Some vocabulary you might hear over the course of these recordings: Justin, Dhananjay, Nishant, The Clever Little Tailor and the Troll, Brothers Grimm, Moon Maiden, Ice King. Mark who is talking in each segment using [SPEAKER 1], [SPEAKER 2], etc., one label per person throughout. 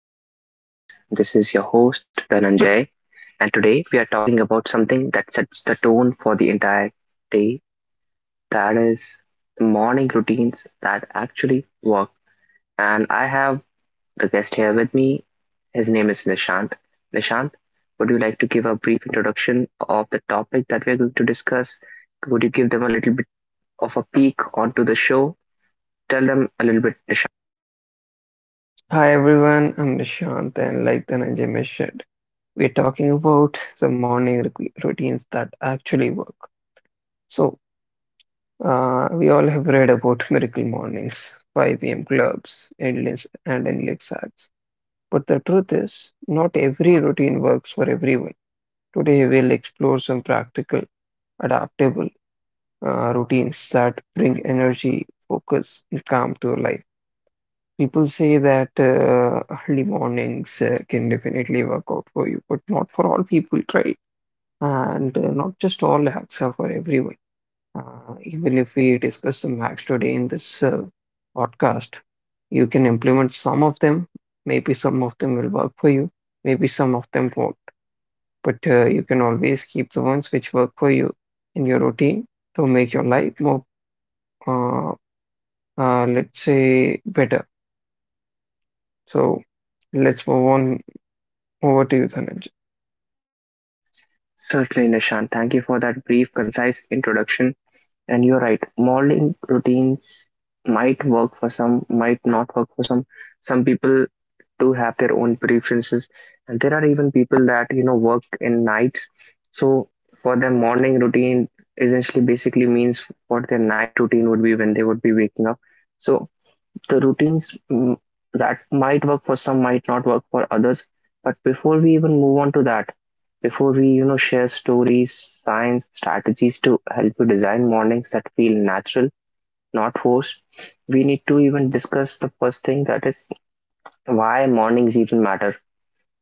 [SPEAKER 1] and welcome, guys. This is your host, Dhananjay, and today we are talking about something that sets the tone for the entire day, that is, the morning routines that actually work. And I have the guest here with me. His name is Nishant. Nishant, would you like to give a brief introduction of the topic that we are going to discuss? Would you give them a little bit of a peek onto the show? Tell them a little bit, Nishant.
[SPEAKER 2] Hi everyone, I'm Nishant, and like Dhananjay mentioned, we're talking about the morning routines that actually work. So, we all have read about miracle mornings, 5 a.m. clubs, endless and endless acts. But the truth is, not every routine works for everyone. Today, we'll explore some practical, adaptable routines that bring energy, focus, and calm to your life. People say that early mornings can definitely work out for you, but not for all people, right? And not just all hacks are for everyone. Even if we discuss some hacks today in this podcast, you can implement some of them. Maybe some of them will work for you, maybe some of them won't. But you can always keep the ones which work for you in your routine to make your life more, uh, let's say, better. So let's move on. Over to you, Dhananjay.
[SPEAKER 1] Certainly, Nishant. Thank you for that brief, concise introduction. And you're right, morning routines might work for some, might not work for some. Some people do have their own preferences, and there are even people that work in nights. So for them, morning routine essentially basically means what their night routine would be when they would be waking up. So the routines, that might work for some might not work for others, but before we even move on to that, before we share stories, signs, strategies to help you design mornings that feel natural, not forced, we need to even discuss the first thing, that is, why mornings even matter.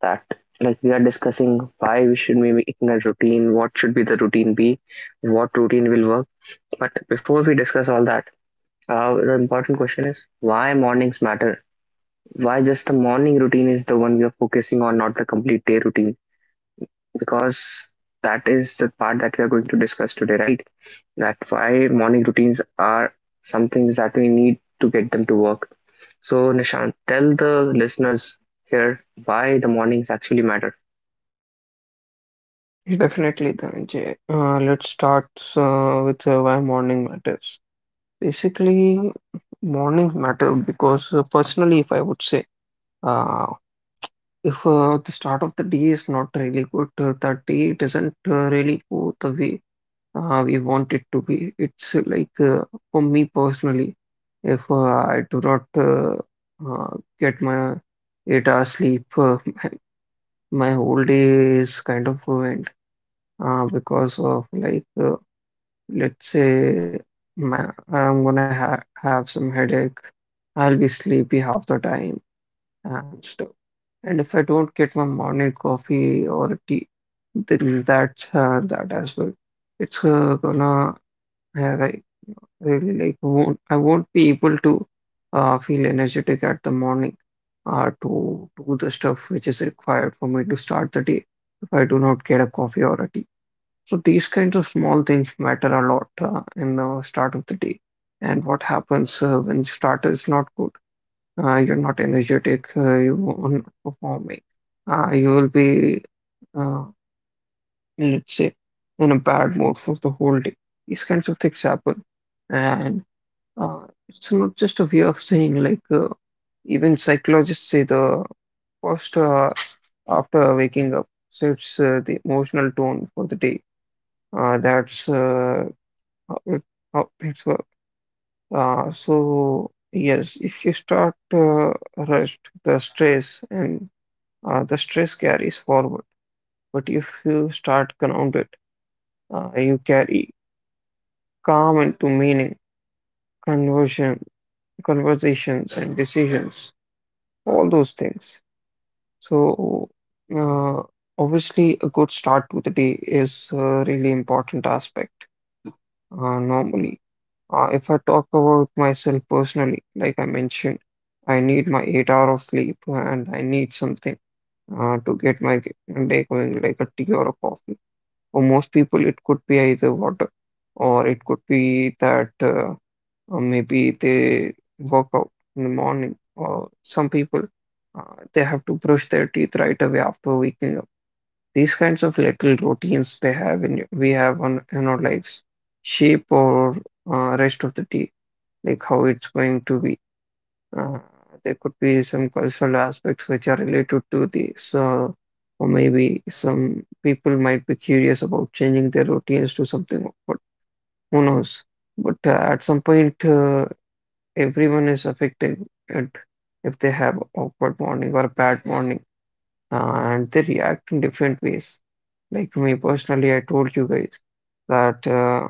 [SPEAKER 1] That, like, we are discussing why we should be making a routine, what should be the routine be, what routine will work, but before we discuss all that, the important question is why mornings matter, why just the morning routine is the one we are focusing on, not the complete day routine? Because that is the part that we are going to discuss today, right? That why morning routines are something that we need to get them to work. So, Nishant, tell the listeners here why the mornings actually matter.
[SPEAKER 2] Definitely, Dhananjay. Let's start with why morning matters. Basically, mornings matter because personally, if I would say, uh, if the start of the day is not really good, that day doesn't really go the way we want it to be. It's like for me personally, if I do not get my 8 hours sleep, my whole day is kind of ruined because of like let's say my, I'm gonna ha have some headache, I'll be sleepy half the time and stuff. And if I don't get my morning coffee or tea, then that's that as well. It's gonna like really like won't be able to feel energetic at the morning to do the stuff which is required for me to start the day if I do not get a coffee or a tea. So these kinds of small things matter a lot in the start of the day. And what happens when the start is not good? You're not energetic, you are not performing. You will be, uh, let's say, in a bad mood for the whole day. These kinds of things happen. And uh, it's not just a way of saying, like, even psychologists say the first after waking up sets the emotional tone for the day. That's how how things work. So yes, if you start rushed, the stress and the stress carries forward. But if you start grounded, you carry calm into conversion, conversations and decisions, all those things. So uh, obviously, a good start to the day is a really important aspect normally. If I talk about myself personally, like I mentioned, I need my 8 hour of sleep and I need something to get my day going, like a tea or a coffee. For most people, it could be either water or it could be that maybe they work out in the morning, or some people uh, they have to brush their teeth right away after waking up. These kinds of little routines they have in we have on in our lives shape or rest of the day like how it's going to be. Uh, there could be some cultural aspects which are related to this, or maybe some people might be curious about changing their routines to something, but who knows? But at some point, everyone is affected it if they have awkward morning or a bad morning, and they react in different ways. Like me personally, I told you guys that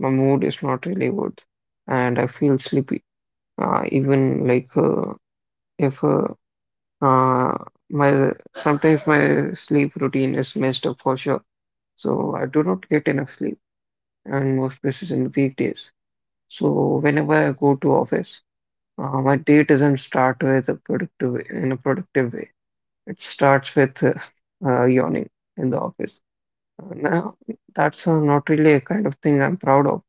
[SPEAKER 2] my mood is not really good and I feel sleepy even like if uh, my sometimes my sleep routine is messed up for sure. So I do not get enough sleep, and most places in weekdays. So whenever I go to office, my day doesn't start with a productive in a productive way. It starts with yawning in the office. Now that's not really a kind of thing I'm proud of,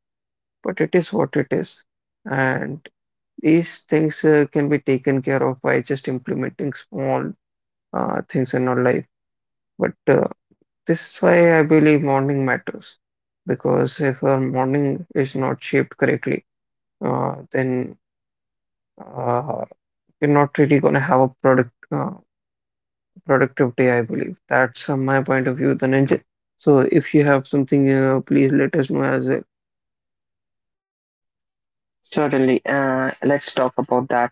[SPEAKER 2] but it is what it is, and these things can be taken care of by just implementing small things in our life. But this is why I believe morning matters because if our morning is not shaped correctly, then uh, we're not really going to have a productive day, I believe. That's my point of view, the ninja. So if you have something, please let us know as well.
[SPEAKER 1] Certainly. Let's talk about that.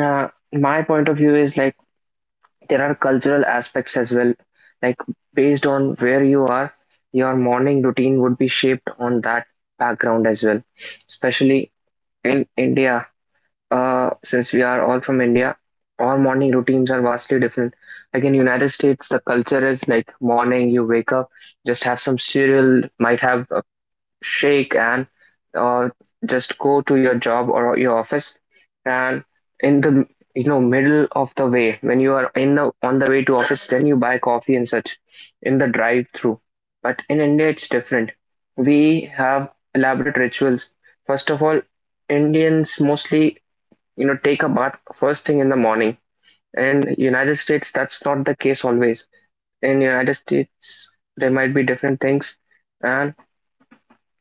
[SPEAKER 1] My point of view is like, there are cultural aspects as well, like based on where you are, your morning routine would be shaped on that background as well. Especially in India, since we are all from India, our morning routines are vastly different. Like in United States, the culture is like morning you wake up, just have some cereal, might have a shake, and uh, just go to your job or your office, and in the, middle of the way when you are in the, on the way to office, then you buy coffee and such in the drive through. But in India, it's different. We have elaborate rituals. First of all, Indians mostly, take a bath first thing in the morning. In United States, that's not the case always. In United States, there might be different things. And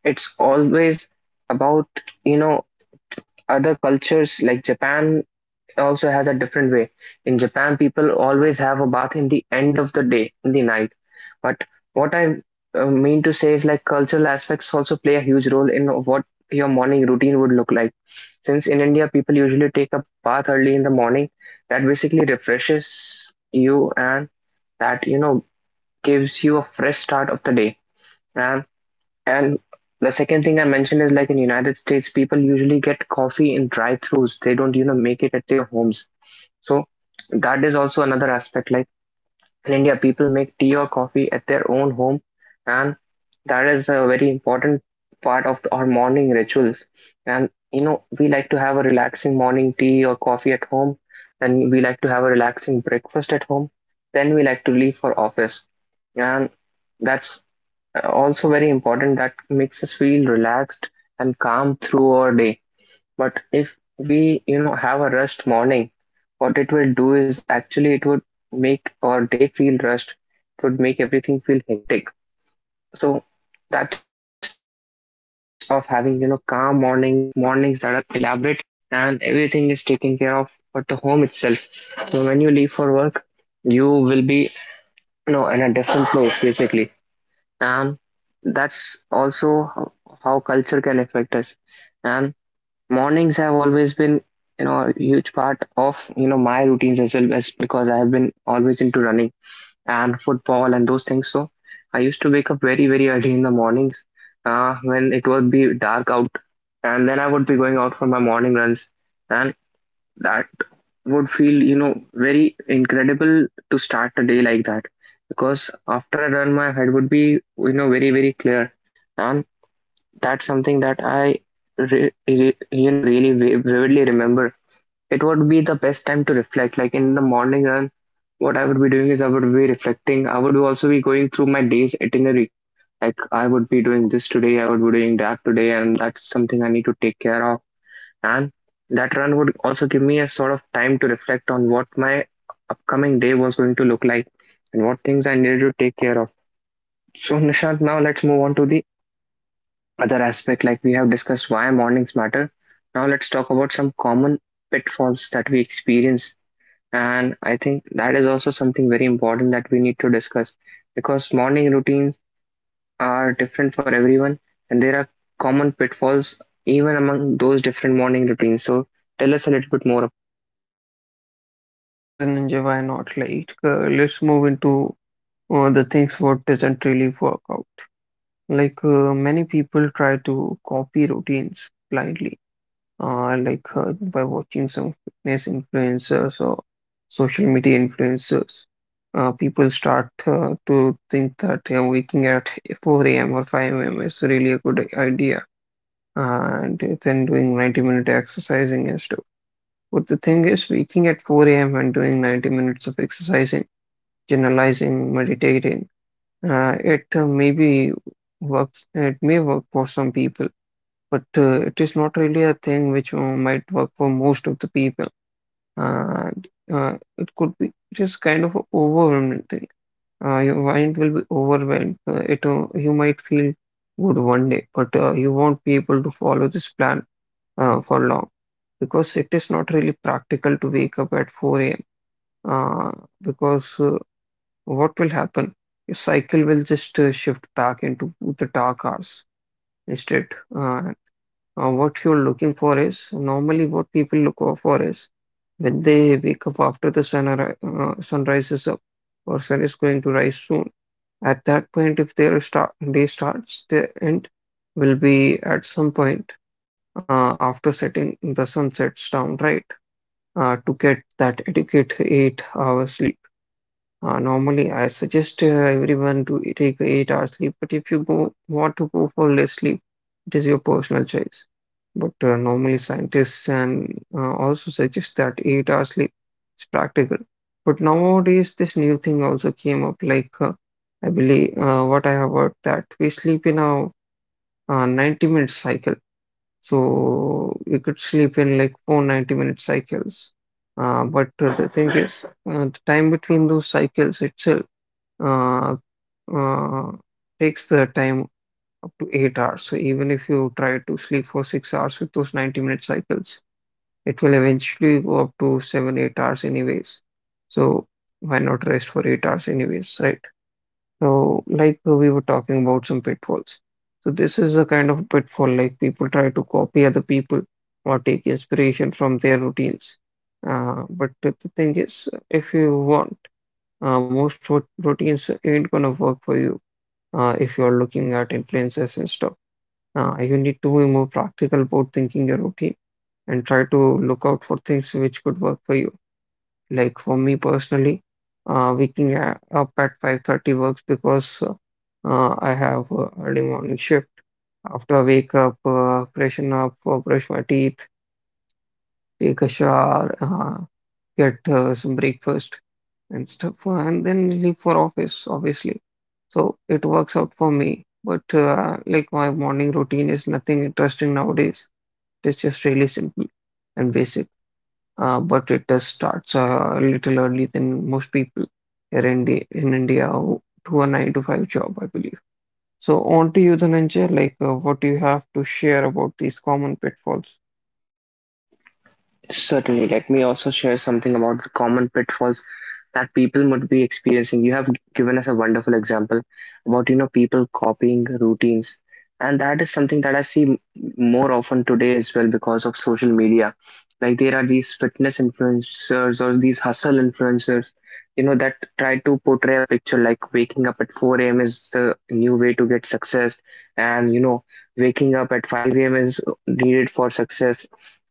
[SPEAKER 1] it's always about, you know other cultures like Japan also has a different way. In Japan, people always have a bath in the end of the day, in the night. But what I mean to say is, like, cultural aspects also play a huge role in what your morning routine would look like. Since in India, people usually take a bath early in the morning, that basically refreshes you, and that, gives you a fresh start of the day. And and the second thing I mentioned is like in United States, people usually get coffee in drive-throughs. They don't, make it at their homes. So that is also another aspect. Like in India, people make tea or coffee at their own home, and that is a very important part of our morning rituals. And we like to have a relaxing morning tea or coffee at home. Then we like to have a relaxing breakfast at home. Then we like to leave for office, and that's also very important, that makes us feel relaxed and calm through our day. But if we, have a rushed morning, what it will do is actually it would make our day feel rushed. It would make everything feel hectic. So that's the importance of having, calm mornings, of mornings that are elaborate and everything is taken care of at the home itself. So when you leave for work, you will be, in a different place basically, and that's also how culture can affect us. And mornings have always been, a huge part of my routines as well, as because I have been always into running and football and those things. So I used to wake up very, very early in the mornings, when it would be dark out, and then I would be going out for my morning runs, and that would feel, very incredible to start a day like that, because after I run, my head would be, very, very clear. And that's something that I really vividly remember. It would be the best time to reflect. Like in the morning run, what I would be doing is I would be reflecting. I would also be going through my day's itinerary. Like I would be doing this today, I would be doing that today, and that's something I need to take care of. And that run would also give me a sort of time to reflect on what my upcoming day was going to look like, and what things I needed to take care of. So, Nishant, now let's move on to the other aspect. Like we have discussed why mornings matter. Now, let's talk about some common pitfalls that we experience. And I think that is also something very important that we need to discuss, because morning routines are different for everyone, and there are common pitfalls even among those different morning routines. So, tell us a little bit more.
[SPEAKER 2] Sure, the ninja, why not? Like, let's move into the things what doesn't really work out. Like many people try to copy routines blindly, like by watching some fitness influencers or social media influencers. People start to think that waking at 4 a.m. or 5 a.m. is really a good idea, and then doing 90-minute exercising and stuff. But the thing is, waking at 4 a.m. and doing 90 minutes of exercising, generalizing, meditating it maybe works, it may work for some people, but it is not really a thing which might work for most of the people. And it could be, it is kind of an overwhelming thing. Your mind will be overwhelmed. It you might feel good one day, but you won't be able to follow this plan for long because it is not really practical to wake up at 4 a.m. Uh, because what will happen? Your cycle will just shift back into the dark hours instead. Uh, what you're looking for is normally what people look out for is when they wake up after the sun rises up or sun is going to rise soon. At that point, if their start day starts, their end will be at some point after setting the sun sets down, right? To get that adequate 8 hours sleep. Normally, I suggest everyone to take 8 hours sleep, but if you go want to go for less sleep, it is your personal choice. But normally, scientists and also suggest that 8 hours sleep is practical. But nowadays, this new thing also came up. Like I believe what I have heard that we sleep in a 90-minute cycle, so we could sleep in like 4 90-minute cycles. But the thing is, the time between those cycles itself uh, uh, takes the time up to 8 hours. So even if you try to sleep for 6 hours with those 90-minute cycles, it will eventually go up to seven, 8 hours anyways. So why not rest for 8 hours anyways, right? So we were talking about some pitfalls. So this is a kind of pitfall like people try to copy other people or take inspiration from their routines. But the thing is, if you want, most routines ain't gonna work for you if you're looking at influencers and stuff. You need to be more practical about thinking your routine and try to look out for things which could work for you. Like for me personally, waking up at 5:30 works because I have early morning shift. After I wake up, freshen up, brush my teeth, take a shower, get some breakfast, and stuff, and then leave for office, obviously. So it works out for me. But like my morning routine is nothing interesting nowadays. It's just really simple and basic. But it does starts a little early than most people here in India who to a nine to five job, I believe. So on to you, Dhananjay. Like, what do you have to share about these common pitfalls?
[SPEAKER 1] Certainly, let me also share something about the common pitfalls that people might be experiencing. You have given us a wonderful example about, people copying routines. And that is something that I see more often today as well because of social media. Like there are these fitness influencers or these hustle influencers, that try to portray a picture like waking up at 4 a.m. is the new way to get success. And, waking up at 5 a.m. is needed for success.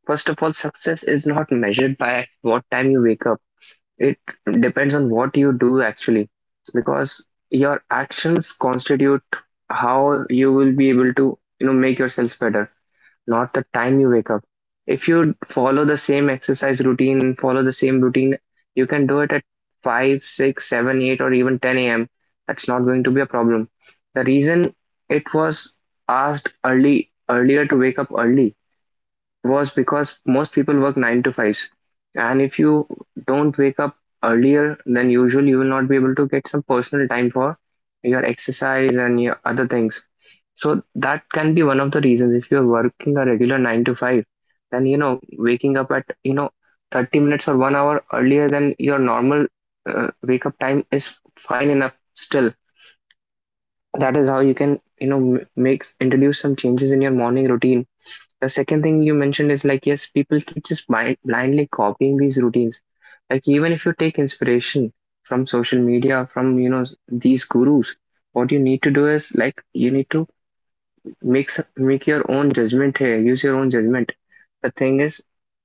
[SPEAKER 1] First of all, success is not measured by what time you wake up. It depends on what you do actually, because your actions constitute how you will be able to, make yourself better, not the time you wake up. If you follow the same exercise routine, follow the same routine, you can do it at 5, 6, 7, 8, or even 10 a.m. That's not going to be a problem. The reason it was asked early earlier to wake up early was because most people work nine to fives. And if you don't wake up earlier than usual, you will not be able to get some personal time for your exercise and your other things. So that can be one of the reasons. If you're working a regular nine to five, then waking up at 30 minutes or one hour earlier than your normal wake up time is fine enough still. That is how you can make introduce some changes in your morning routine. The second thing you mentioned is like, yes, people keep just blindly copying these routines. Like, even if you take inspiration from social media, from, these gurus, what you need to do is like, you need to make make your own judgment here. Use your own judgment. The thing is,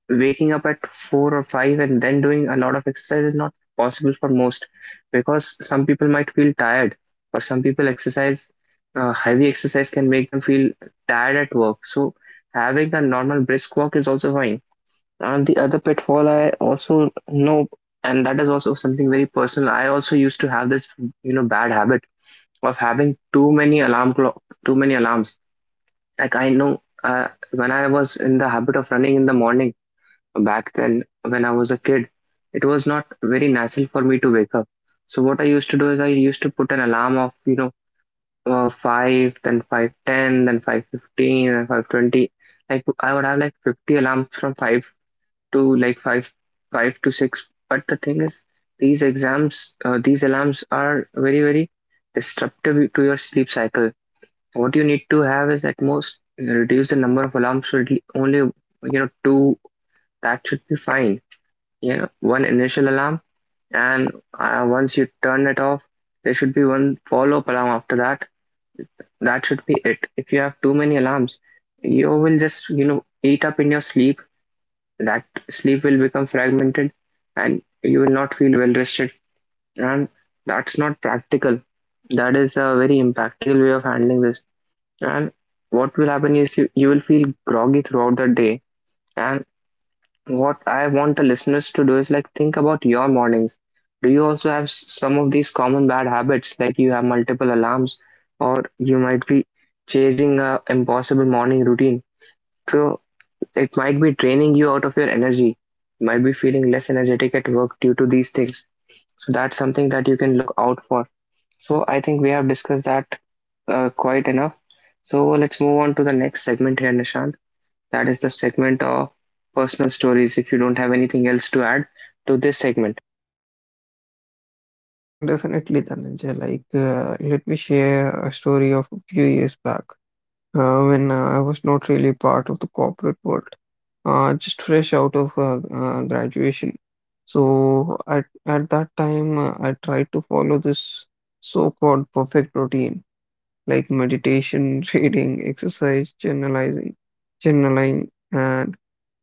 [SPEAKER 1] waking up at four or five and then doing a lot of exercise is not possible for most, because some people might feel tired. For some people, exercise, heavy exercise can make them feel tired at work. So having a normal brisk walk is also fine. And the other pitfall I also know, and that is also something very personal. I also used to have this, bad habit of having too many alarm clock, too many alarms. Like I know when I was in the habit of running in the morning back then when I was a kid, it was not very natural for me to wake up. So what I used to do is I used to put an alarm of five, then 5:10, then 5:15, then 5:20. Like I would have like 50 alarms from five to like five to six. But the thing is, these exams, these alarms are very, very disruptive to your sleep cycle. What you need to have is, at most, reduce the number of alarms to only two. That should be fine. You know, one initial alarm, and once you turn it off, there should be one follow-up alarm after that. That should be it. If you have too many alarms, you will just eat up in your sleep. That sleep will become fragmented, and you will not feel well rested. And that's not practical. That is a very impractical way of handling this. And what will happen is you will feel groggy throughout the day. And what I want the listeners to do is like think about your mornings. Do you also have some of these common bad habits, like you have multiple alarms, or you might be chasing a impossible morning routine? So it might be draining you out of your energy. You might be feeling less energetic at work due to these things. So that's something that you can look out for. So I think we have discussed that quite enough. So let's move on to the next segment here, Nishant. That is the segment of personal stories. If you don't have anything else to add to this segment,
[SPEAKER 2] Definitely, Dhananjay. Like, let me share a story of a few years back. When I was not really part of the corporate world, just fresh out of graduation. So at that time, I tried to follow this so-called perfect routine, like meditation, reading, exercise, generalizing, journaling, and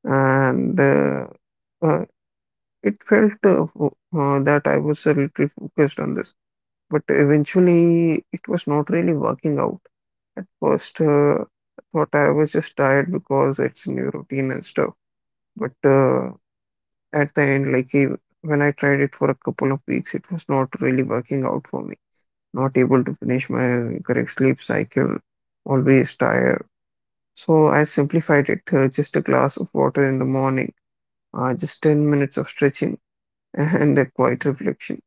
[SPEAKER 2] and uh, uh, it felt that I was a little focused on this. But eventually, it was not really working out. At first, I thought I was just tired because it's new routine and stuff. But at the end, like when I tried it for a couple of weeks, it was not really working out for me. Not able to finish my correct sleep cycle, always tired. So I simplified it, just a glass of water in the morning, just 10 minutes of stretching and a quiet reflection.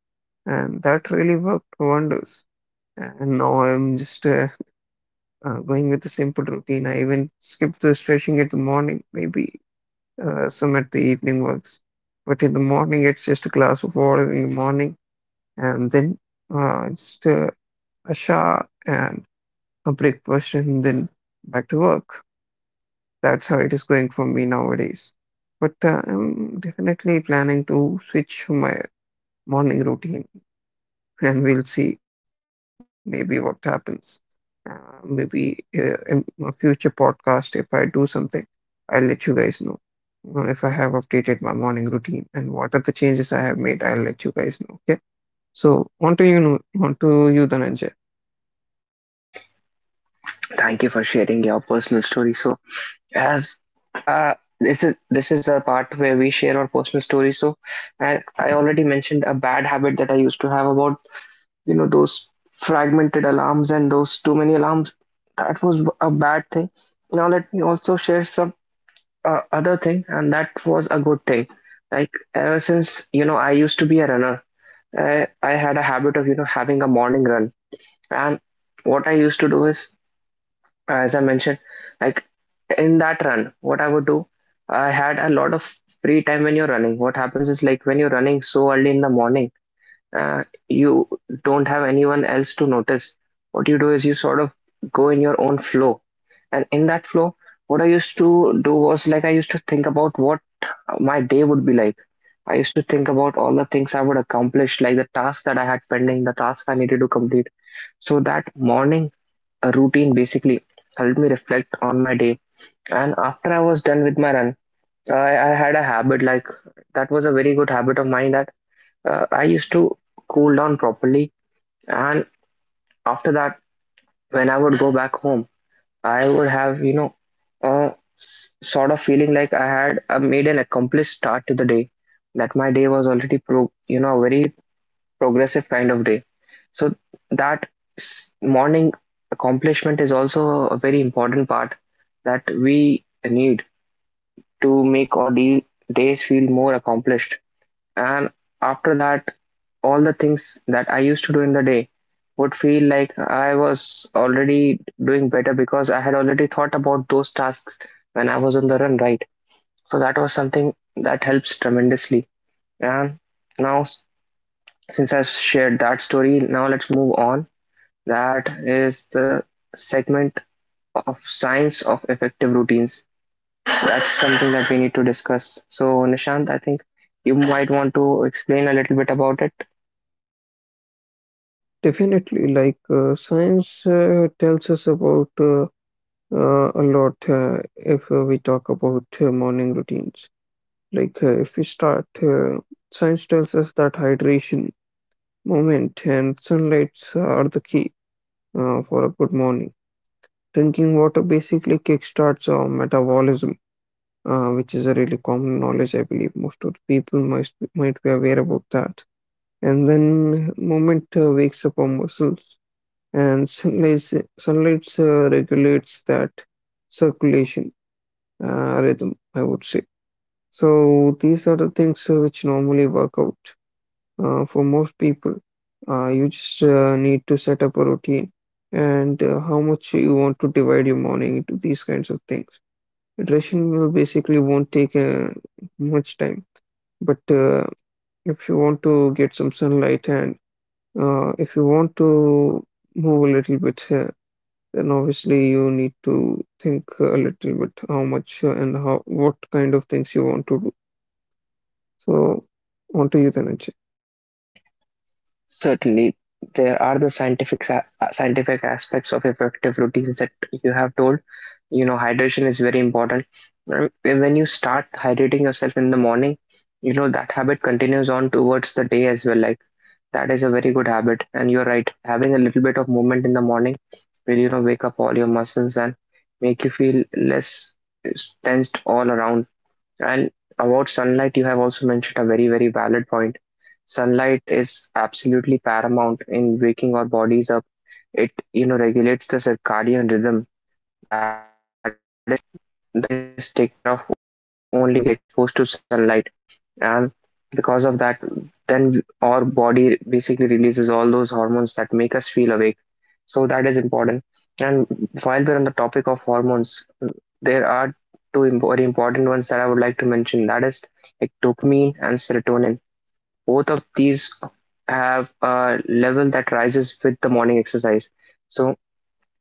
[SPEAKER 2] And that really worked wonders. And now I'm just going with a simple routine. I even skip the stretching at the morning, maybe some at the evening works. But in the morning, it's just a glass of water in the morning, and then just a shower and a breakfast, and then back to work. That's how it is going for me nowadays. But I'm definitely planning to switch my morning routine, and we'll see maybe what happens. Maybe in a future podcast, if I do something, I'll let you guys know. If I have updated my morning routine and what are the changes I have made, I'll let you guys know. Okay. So on to you, Dhananjay.
[SPEAKER 1] thank you for sharing your personal story. So, as uh, this is the part where we share our personal story. So, I already mentioned a bad habit that I used to have about those fragmented alarms and those too many alarms. That was a bad thing. Now let me also share some other thing, and that was a good thing. Like ever since I used to be a runner, I had a habit of having a morning run, and what I used to do is, as I mentioned, like in that run, what I would do, I had a lot of free time when you're running. What happens is like when you're running so early in the morning, uh, you don't have anyone else to notice. What you do is you sort of go in your own flow, and in that flow, what I used to do was like I used to think about what my day would be like I used to think about all the things I would accomplish, like the tasks that I had pending, the tasks I needed to complete. So that morning routine basically helped me reflect on my day. And after I was done with my run, I, I had a habit like that was a very good habit of mine that I used to cool down properly. And after that, when I would go back home, I would have, you know, a sort of feeling like I had made an accomplished start to the day, that my day was already you know, a very progressive kind of day. So that morning accomplishment is also a very important part that we need to make our days feel more accomplished. And after that, all the things that I used to do in the day would feel like I was already doing better because I had already thought about those tasks when I was on the run, right? So that was something that helps tremendously. And now, since I've shared that story, now let's move on. That is the segment of science of effective routines. That's something that we need to discuss. So, Nishant, I think you might want to explain a little bit about it.
[SPEAKER 2] Definitely, like science tells us about a lot if we talk about morning routines. Like if we start, science tells us that hydration, moment, and sunlights are the key for a good morning. Drinking water basically kickstarts our metabolism, which is a really common knowledge. I believe most of the people might be aware about that. And then moment wakes up our muscles, and sunlight regulates that circulation rhythm, I would say. So these are the things which normally work out for most people. You just need to set up a routine, and how much you want to divide your morning into these kinds of things. Iteration will basically won't take much time, but if you want to get some sunlight, and if you want to move a little bit, then obviously you need to think a little bit how much and how what kind of things you want to do. So, on to you, Dhananjay.
[SPEAKER 1] Certainly, there are the scientific scientific aspects of effective routines that you have told. You know, hydration is very important. When you start hydrating yourself in the morning, you know that habit continues on towards the day as well. Like that is a very good habit, and you're right. Having a little bit of movement in the morning will, you know, wake up all your muscles and make you feel less tensed all around. And about sunlight, you have also mentioned a very, very valid point. Sunlight is absolutely paramount in waking our bodies up. It, you know, regulates the circadian rhythm. That is something that is taken care of only when we get exposed to sunlight, and because of that, then our body basically releases all those hormones that make us feel awake. So that is important. And while we're on the topic of hormones, there are very important ones that I would like to mention. That is like dopamine and serotonin. Both of these have a level that rises with the morning exercise. So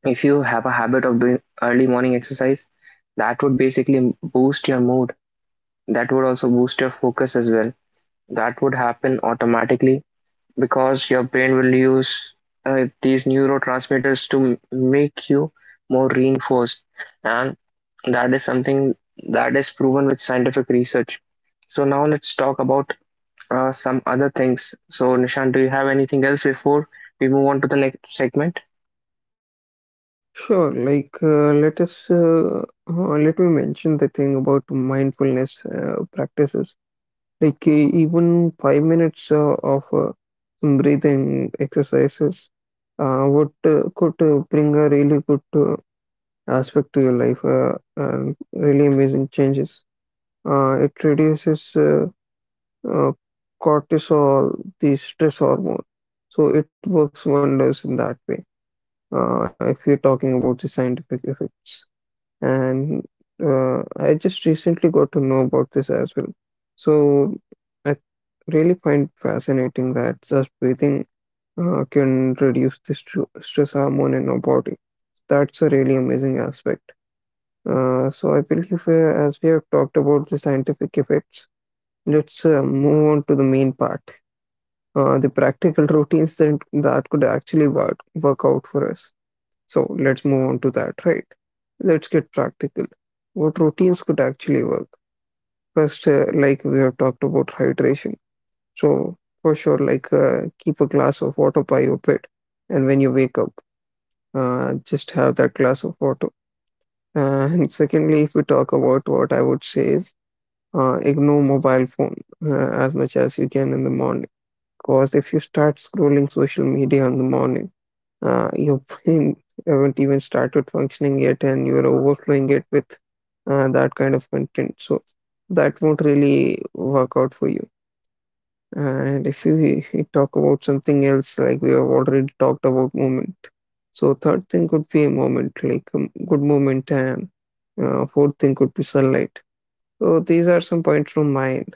[SPEAKER 1] if you have a habit of doing early morning exercise, that would basically boost your mood, that would also boost your focus as well. That would happen automatically because your brain will use these neurotransmitters to make you more reinforced, and that is something that is proven with scientific research. So now let's talk about some other things. So Nishan, do you have anything else before we move on to the next segment?
[SPEAKER 2] Sure. Like, let us Let me mention the thing about mindfulness practices. Like, even 5 minutes of some breathing exercises would could bring a really good aspect to your life and really amazing changes. It reduces uh, cortisol, the stress hormone. So it works wonders in that way. If you're talking about the scientific effects, and I just recently got to know about this as well. So I really find fascinating that just breathing can reduce the stress hormone in our body. That's a really amazing aspect. So I believe as we have talked about the scientific effects, let's move on to the main part, the practical routines that could actually work out for us. So let's move on to that, right? Let's get practical. What routines could actually work? First, like we have talked about hydration. So for sure, like keep a glass of water by your bed, and when you wake up, just have that glass of water. And secondly, if we talk about what I would say is, ignore mobile phone as much as you can in the morning. Because if you start scrolling social media in the morning, your brain haven't even started functioning yet, and you're overflowing it with that kind of content. So that won't really work out for you. And if you talk about something else, like we have already talked about movement. So third thing could be a moment, like a good moment, and fourth thing could be sunlight. So these are some points from mine.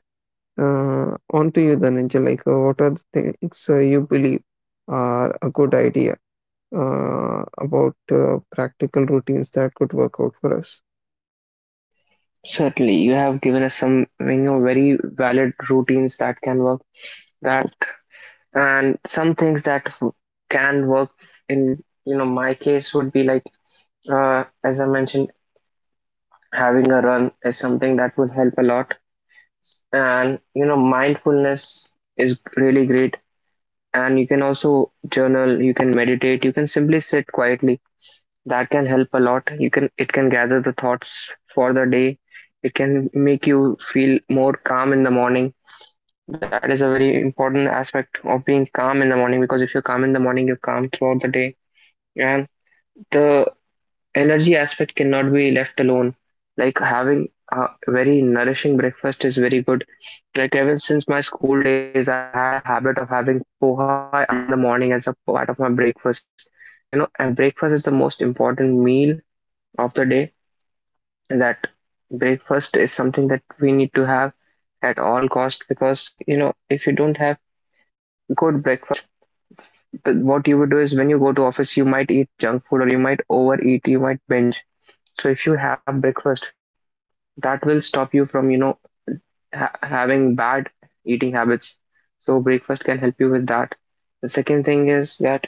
[SPEAKER 2] On to you, Dhananjay. Like, what are the things you believe are a good idea about practical routines that could work out for us?
[SPEAKER 1] Certainly, you have given us some, you know, very valid routines that can work. That and some things that can work in, you know, my case would be like as I mentioned, having a run is something that will help a lot. And you know mindfulness is really great, and you can also journal, you can meditate, you can simply sit quietly. That can help a lot. You can, it can gather the thoughts for the day. It can make you feel more calm in the morning. That is a very important aspect of being calm in the morning, because if you're calm in the morning, you're calm throughout the day. And the energy aspect cannot be left alone. Like having a very nourishing breakfast is very good. Like ever since my school days, I had a habit of having poha early in the morning as a part of my breakfast. You know, and breakfast is the most important meal of the day. And that breakfast is something that we need to have at all cost, because you know if you don't have good breakfast, the, what you would do is when you go to office, you might eat junk food or you might overeat, you might binge. So if you have breakfast, that will stop you from, you know, having bad eating habits. So breakfast can help you with that. The second thing is that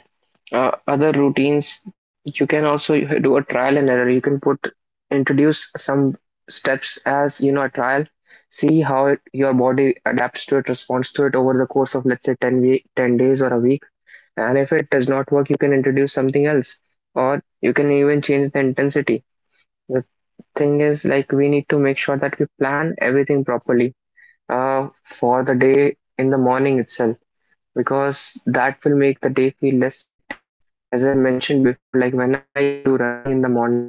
[SPEAKER 1] other routines, you can also do a trial and error. You can put introduce some steps as, you know, a trial, see how it, your body adapts to it, responds to it over the course of let's say 10 week, 10 days or a week. And if it does not work, you can introduce something else, or you can even change the intensity. Thing is like we need to make sure that we plan everything properly for the day in the morning itself, because that will make the day feel less hectic. As I mentioned before, like when I used to do running in the morning,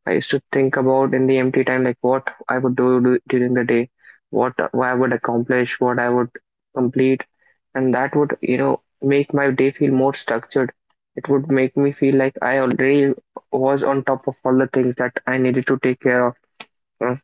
[SPEAKER 1] I used to think about in the empty time like what I would do during the day, what I would accomplish, what I would complete, and that would you know make my day feel more structured. It would make me feel like I already was on top of all the things that I needed to take care of. uh,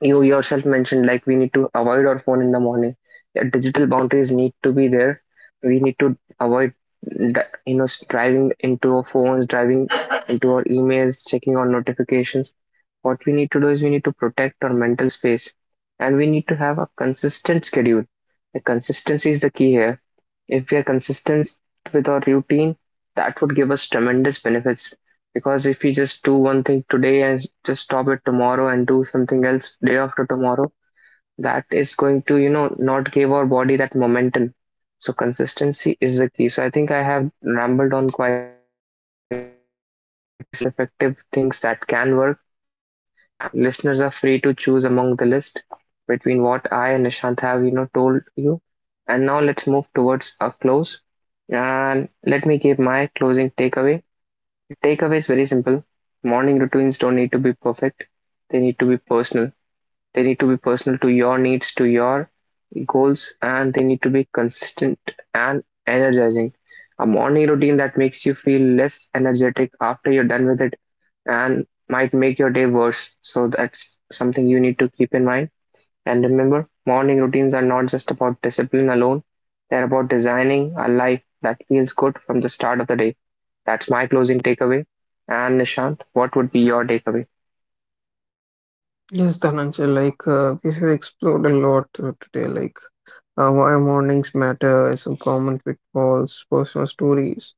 [SPEAKER 1] you yourself mentioned like we need to avoid our phone in the morning. Yeah, digital boundaries need to be there. We need to avoid you know driving into our phones, driving into our emails, checking our notifications. What we need to do is we need to protect our mental space, and we need to have a consistent schedule. The consistency is the key here. If we are consistent with our routine, that would give us tremendous benefits. Because if we just do one thing today and just stop it tomorrow and do something else day after tomorrow, that is going to, you know, not give our body that momentum. So consistency is the key. So I think I have rambled on quite a bit. We have discussed a lot of effective things that can work, and listeners are free to choose among the list between what I and Nishant have, you know, told you. And now let's move towards a close. And let me give my closing takeaway. The takeaway is very simple. Morning routines don't need to be perfect, they need to be personal. They need to be personal to your needs, to your goals, and they need to be consistent and energizing. A morning routine that makes you feel less energetic after you're done with it and might make your day worse. So that's something you need to keep in mind. And remember, morning routines are not just about discipline alone, they're about designing a life that feels good from the start of the day. That's my closing takeaway. And Nishant, what would be your takeaway?
[SPEAKER 2] Yes, Dhananjay, like we have explored a lot today, like why mornings matter, is a common pitfalls, personal stories,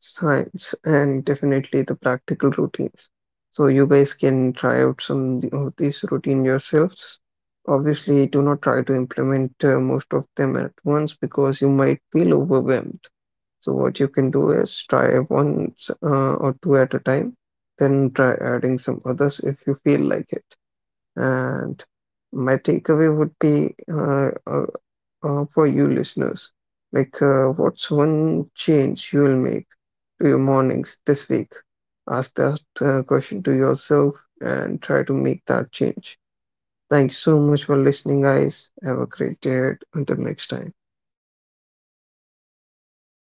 [SPEAKER 2] science, and definitely the practical routines. So you guys can try out some of these routine yourselves. Obviously, do not try to implement most of them at once because you might feel overwhelmed. So what you can do is try once or two at a time, then try adding some others if you feel like it. And my takeaway would be for you listeners. Like, what's one change you will make to your mornings this week? Ask that question to yourself and try to make that change. Thank you so much for listening, guys. Have a great day ahead. Until next time.